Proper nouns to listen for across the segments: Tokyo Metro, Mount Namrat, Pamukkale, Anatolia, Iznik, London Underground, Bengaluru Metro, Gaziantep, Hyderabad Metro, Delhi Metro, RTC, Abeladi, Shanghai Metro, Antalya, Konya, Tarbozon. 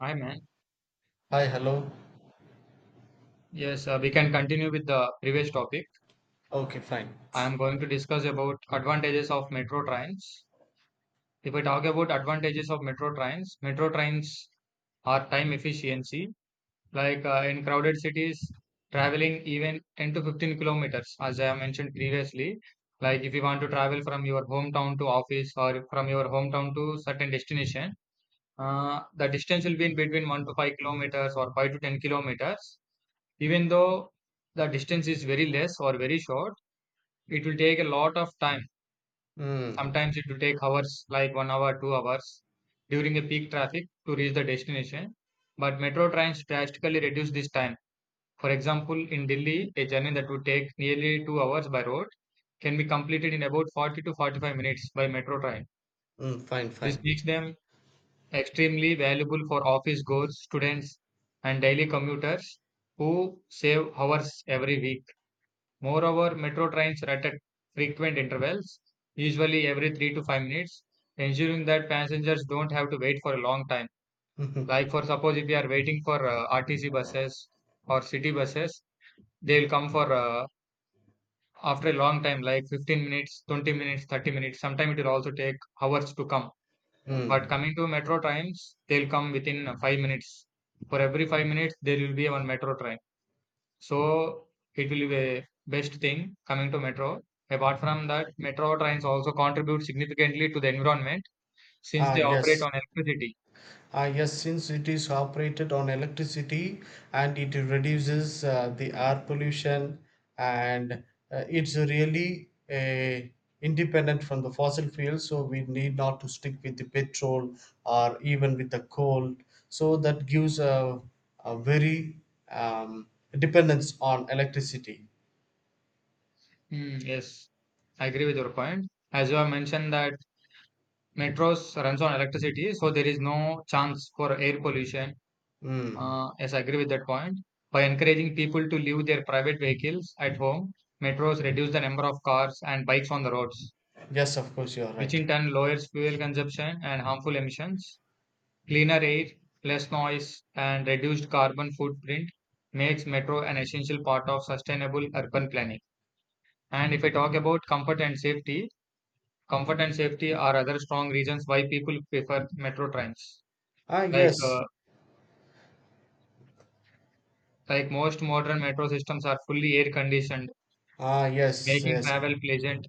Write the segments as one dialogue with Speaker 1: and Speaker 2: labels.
Speaker 1: Hi, man.
Speaker 2: Hi, hello.
Speaker 1: Yes, we can continue with the previous topic.
Speaker 2: Okay, fine.
Speaker 1: I am going to discuss about advantages of metro trains. If we talk about advantages of metro trains are time efficiency. Like in crowded cities, traveling even 10 to 15 kilometers, as I have mentioned previously. Like if you want to travel from your hometown to office or from your hometown to certain destination, the distance will be in between 1 to 5 kilometers or 5 to 10 kilometers. Even though the distance is very less or very short, it will take a lot of time.
Speaker 2: Mm,
Speaker 1: Sometimes it will take hours, like one hour, 2 hours during a peak traffic to reach the destination. But metro trains drastically reduce this time. For example, in Delhi, a journey that would take nearly 2 hours by road can be completed in about 40 to 45 minutes by metro train.
Speaker 2: mm, fine,
Speaker 1: This
Speaker 2: fine.
Speaker 1: makes them extremely valuable for office goers, students, and daily commuters who save hours every week. Moreover, metro trains run at frequent intervals, usually every 3 to 5 minutes, ensuring that passengers don't have to wait for a long time.
Speaker 2: Mhm,
Speaker 1: Like, for suppose if you are waiting for RTC buses or city buses, they will come for after a long time, like 15 minutes, 20 minutes, 30 minutes. Sometimes it will also take hours to come. But
Speaker 2: mm.
Speaker 1: coming to metro trains, they'll come within 5 minutes. For every 5 minutes, there will be one metro train. So it will be the best thing coming to metro. Apart from that, metro trains also contribute significantly to the environment since
Speaker 2: Ah,
Speaker 1: they operate
Speaker 2: yes.
Speaker 1: on electricity.
Speaker 2: Ah, yes, since it is operated on electricity and it reduces the air pollution and it's really independent from the fossil fuels, so we need not to stick with the petrol or even with the coal. So that gives a very um, dependence on electricity.
Speaker 1: Mm, yes, I agree with your point. As you have mentioned that metros runs on electricity, so there is no chance for air pollution.
Speaker 2: Mm.
Speaker 1: Yes, I agree with that point. By encouraging people to leave their private vehicles at home, metros reduce the number of cars and bikes on the roads,
Speaker 2: Yes, of course, you are
Speaker 1: which
Speaker 2: right.
Speaker 1: in turn lowers fuel consumption and harmful emissions. Cleaner air, less noise, and reduced carbon footprint makes metro an essential part of sustainable urban planning. And if I talk about comfort and safety are other strong reasons why people prefer metro trains.
Speaker 2: Ah,
Speaker 1: Like
Speaker 2: yes.
Speaker 1: uh, like most modern metro systems are fully air conditioned,
Speaker 2: Ah, yes,
Speaker 1: making
Speaker 2: yes.
Speaker 1: travel pleasant.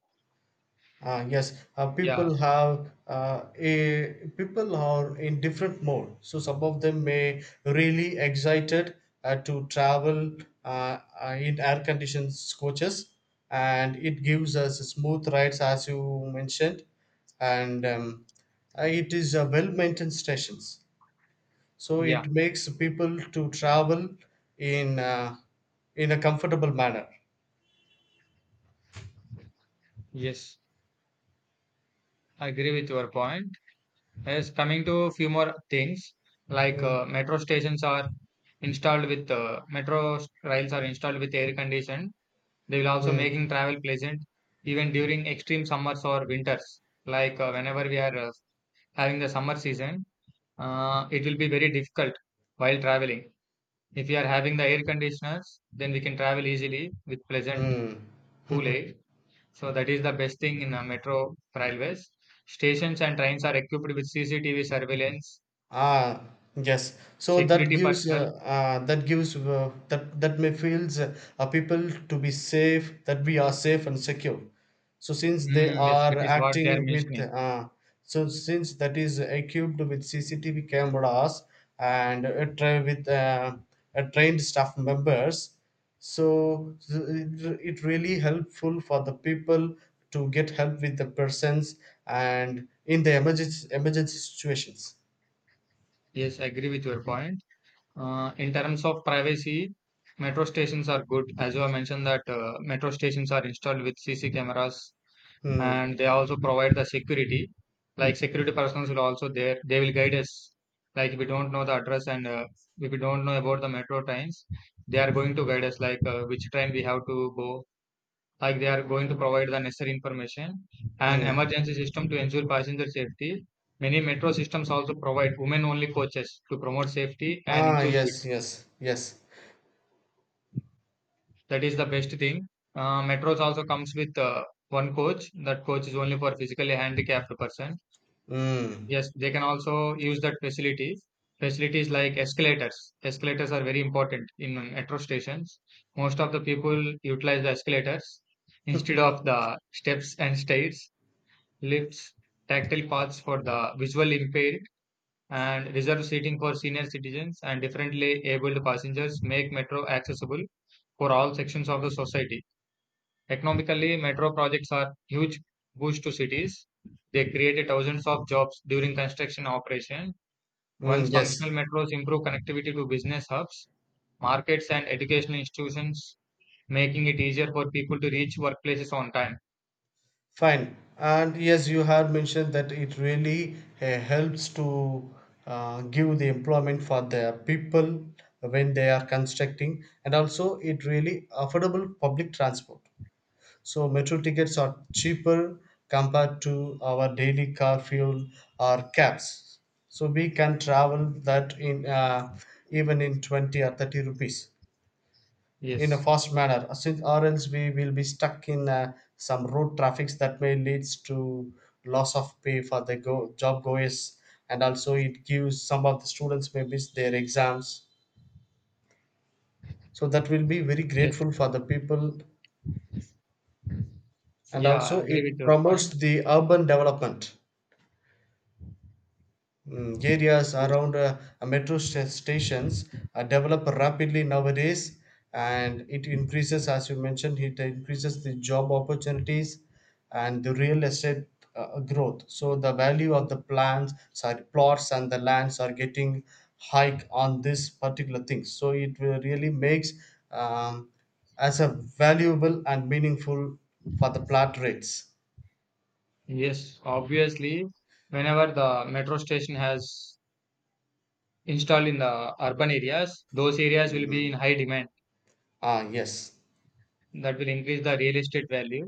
Speaker 2: Ah, yes.
Speaker 1: Yeah,
Speaker 2: People have a people are in different mode. So some of them may really excited to travel in air conditioned coaches, and it gives us smooth rides, as you mentioned, and it is a well maintained stations. So
Speaker 1: yeah,
Speaker 2: it makes people to travel in uh, in a comfortable manner.
Speaker 1: yes, I agree with your point. Yes, coming to a few more things like
Speaker 2: Mm,
Speaker 1: metro stations are installed with metro rails are installed with air condition. They will also
Speaker 2: mm.
Speaker 1: making travel pleasant even during extreme summers or winters. Like whenever we are having the summer season, it will be very difficult while traveling. If we are having the air conditioners, then we can travel easily with pleasant
Speaker 2: 嗯，
Speaker 1: cool air. So that is the best thing in metro railways. Stations and trains are equipped with CCTV surveillance.
Speaker 2: Ah, yes. So that
Speaker 1: Security
Speaker 2: gives
Speaker 1: personnel.
Speaker 2: that gives that that may feels people to be safe, that we are safe and secure. So since they
Speaker 1: Mm, yes, that
Speaker 2: are
Speaker 1: is what they are
Speaker 2: acting with
Speaker 1: mentioning.
Speaker 2: so since that is equipped with CCTV cameras and tra- with trained staff members, so it really helpful for the people to get help with the persons and in the emergency situations.
Speaker 1: Yes, I agree with your point. In terms of privacy, metro stations are good. As you have mentioned that metro stations are installed with CC cameras
Speaker 2: Hmm.
Speaker 1: and they also provide the security. Like security personnel will also there. They will guide us. Like if we don't know the address and if we don't know about the metro trains, they are going to guide us like which train we have to go like they are going to provide the necessary information and
Speaker 2: Mm.
Speaker 1: emergency system to ensure passenger safety. Many metro systems also provide women only coaches to promote safety and
Speaker 2: Ah, yes,
Speaker 1: inclusivity.
Speaker 2: yes, yes.
Speaker 1: That is the best thing. Metros also comes with one coach. That coach is only for physically handicapped person.
Speaker 2: Mm.
Speaker 1: Yes, they can also use that facilities. Facilities like escalators. Escalators are very important in metro stations. Most of the people utilize the escalators instead of the steps and stairs lifts, tactile paths for the visual impaired, and reserved seating for senior citizens and differently abled passengers make metro accessible for all sections of the society. Economically, metro projects are huge boost to cities. They created thousands of jobs during construction operation.
Speaker 2: Mm,
Speaker 1: Once
Speaker 2: yes,
Speaker 1: functional metros improve connectivity to business hubs, markets and educational institutions, making it easier for people to reach workplaces on time.
Speaker 2: fine. And yes, you have mentioned that it really helps to give the employment for the people when they are constructing, and also it really affordable public transport. So metro tickets are cheaper compared to our daily car fuel or cabs. So we can travel that in even in 20 or 30 rupees, in a
Speaker 1: Yes.
Speaker 2: fast manner, since or else we will be stuck in some road traffics that may leads to loss of pay for the job goers, and also it gives some of the students may miss their exams, so that will be very
Speaker 1: Yes.
Speaker 2: grateful for the people, and
Speaker 1: Yeah, I
Speaker 2: also
Speaker 1: agree with
Speaker 2: it
Speaker 1: your
Speaker 2: promotes
Speaker 1: point.
Speaker 2: the urban development. Mm, areas
Speaker 1: Yes.
Speaker 2: around stations develop rapidly nowadays, and it increases, as you mentioned, it increases the job opportunities and the real estate growth. So the value of the plans sorry plots and the lands are getting hike on this particular thing, so it will really makes um, as a valuable and meaningful for the plot rates.
Speaker 1: Yes, obviously, whenever the metro station has installed in the urban areas, those areas will be in
Speaker 2: Mm.
Speaker 1: high demand.
Speaker 2: Ah, yes.
Speaker 1: That will increase the real estate value.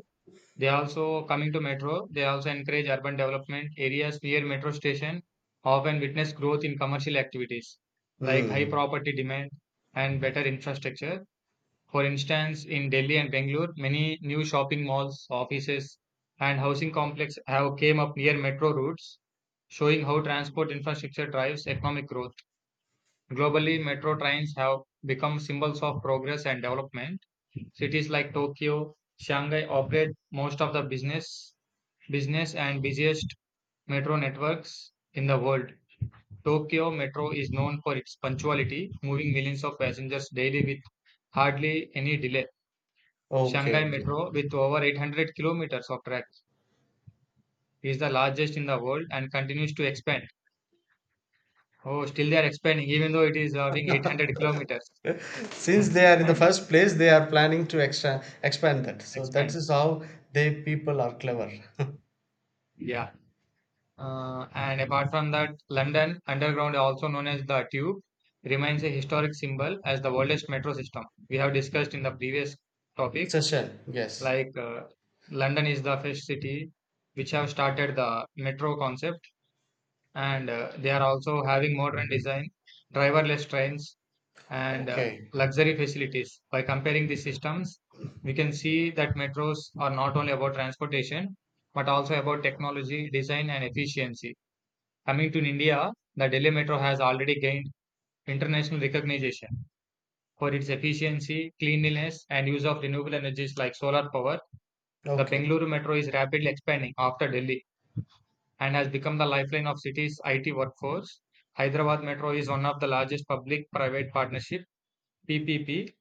Speaker 1: They also, coming to metro, they also encourage urban development. Areas near metro station often witness growth in commercial activities like high
Speaker 2: Mm.
Speaker 1: property demand and better infrastructure. For instance, in Delhi and Bangalore, many new shopping malls, offices, and housing complex have came up near metro routes showing how transport infrastructure drives economic growth. Globally, metro trains have become symbols of progress and development. Cities like Tokyo, Shanghai operate most of the business and busiest metro networks in the world. Tokyo Metro is known for its punctuality, moving millions of passengers daily with hardly any delay.
Speaker 2: Okay,
Speaker 1: Shanghai
Speaker 2: okay.
Speaker 1: Metro, with over 800 kilometers of track, is the largest in the world and continues to expand. Oh, still they are expanding, even though it is having 800 kilometers.
Speaker 2: Since they are in the first place they are planning to extra expand that, so that
Speaker 1: Expand.
Speaker 2: is how they people are clever.
Speaker 1: Yeah. And apart from that, London Underground, also known as the Tube, remains a historic symbol as the oldest metro system. We have discussed in the previous topic,
Speaker 2: Session, yes.
Speaker 1: like London is the first city which have started the metro concept, and they are also having modern design, driverless trains, and
Speaker 2: Okay.
Speaker 1: luxury facilities. By comparing these systems, we can see that metros are not only about transportation, but also about technology, design, and efficiency. Coming to India, the Delhi Metro has already gained international recognition for its efficiency, cleanliness, and use of renewable energies like solar power. The
Speaker 2: Okay.
Speaker 1: Bengaluru Metro is rapidly expanding after Delhi and has become the lifeline of city's IT workforce. Hyderabad Metro is one of the largest public private partnership PPP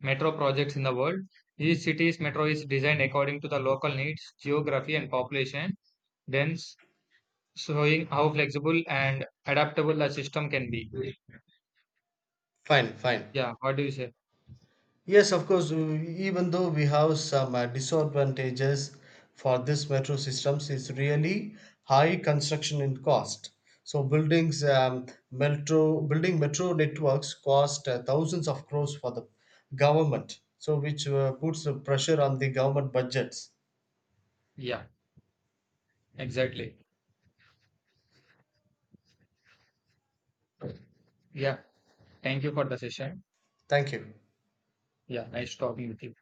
Speaker 1: metro projects in the world. Each city's metro is designed according to the local needs, geography, and population, dense, showing how flexible and adaptable the system can be.
Speaker 2: Fine, fine.
Speaker 1: Yeah, what do you say?
Speaker 2: Yes, of course. Even though we have some disadvantages for this metro systems is really high construction in cost, so buildings, metro building metro networks cost thousands of crores for the government, so which puts the pressure on the government budgets.
Speaker 1: Yeah, exactly. Yeah, thank you for the session.
Speaker 2: Thank you.
Speaker 1: Yeah, nice talking with you.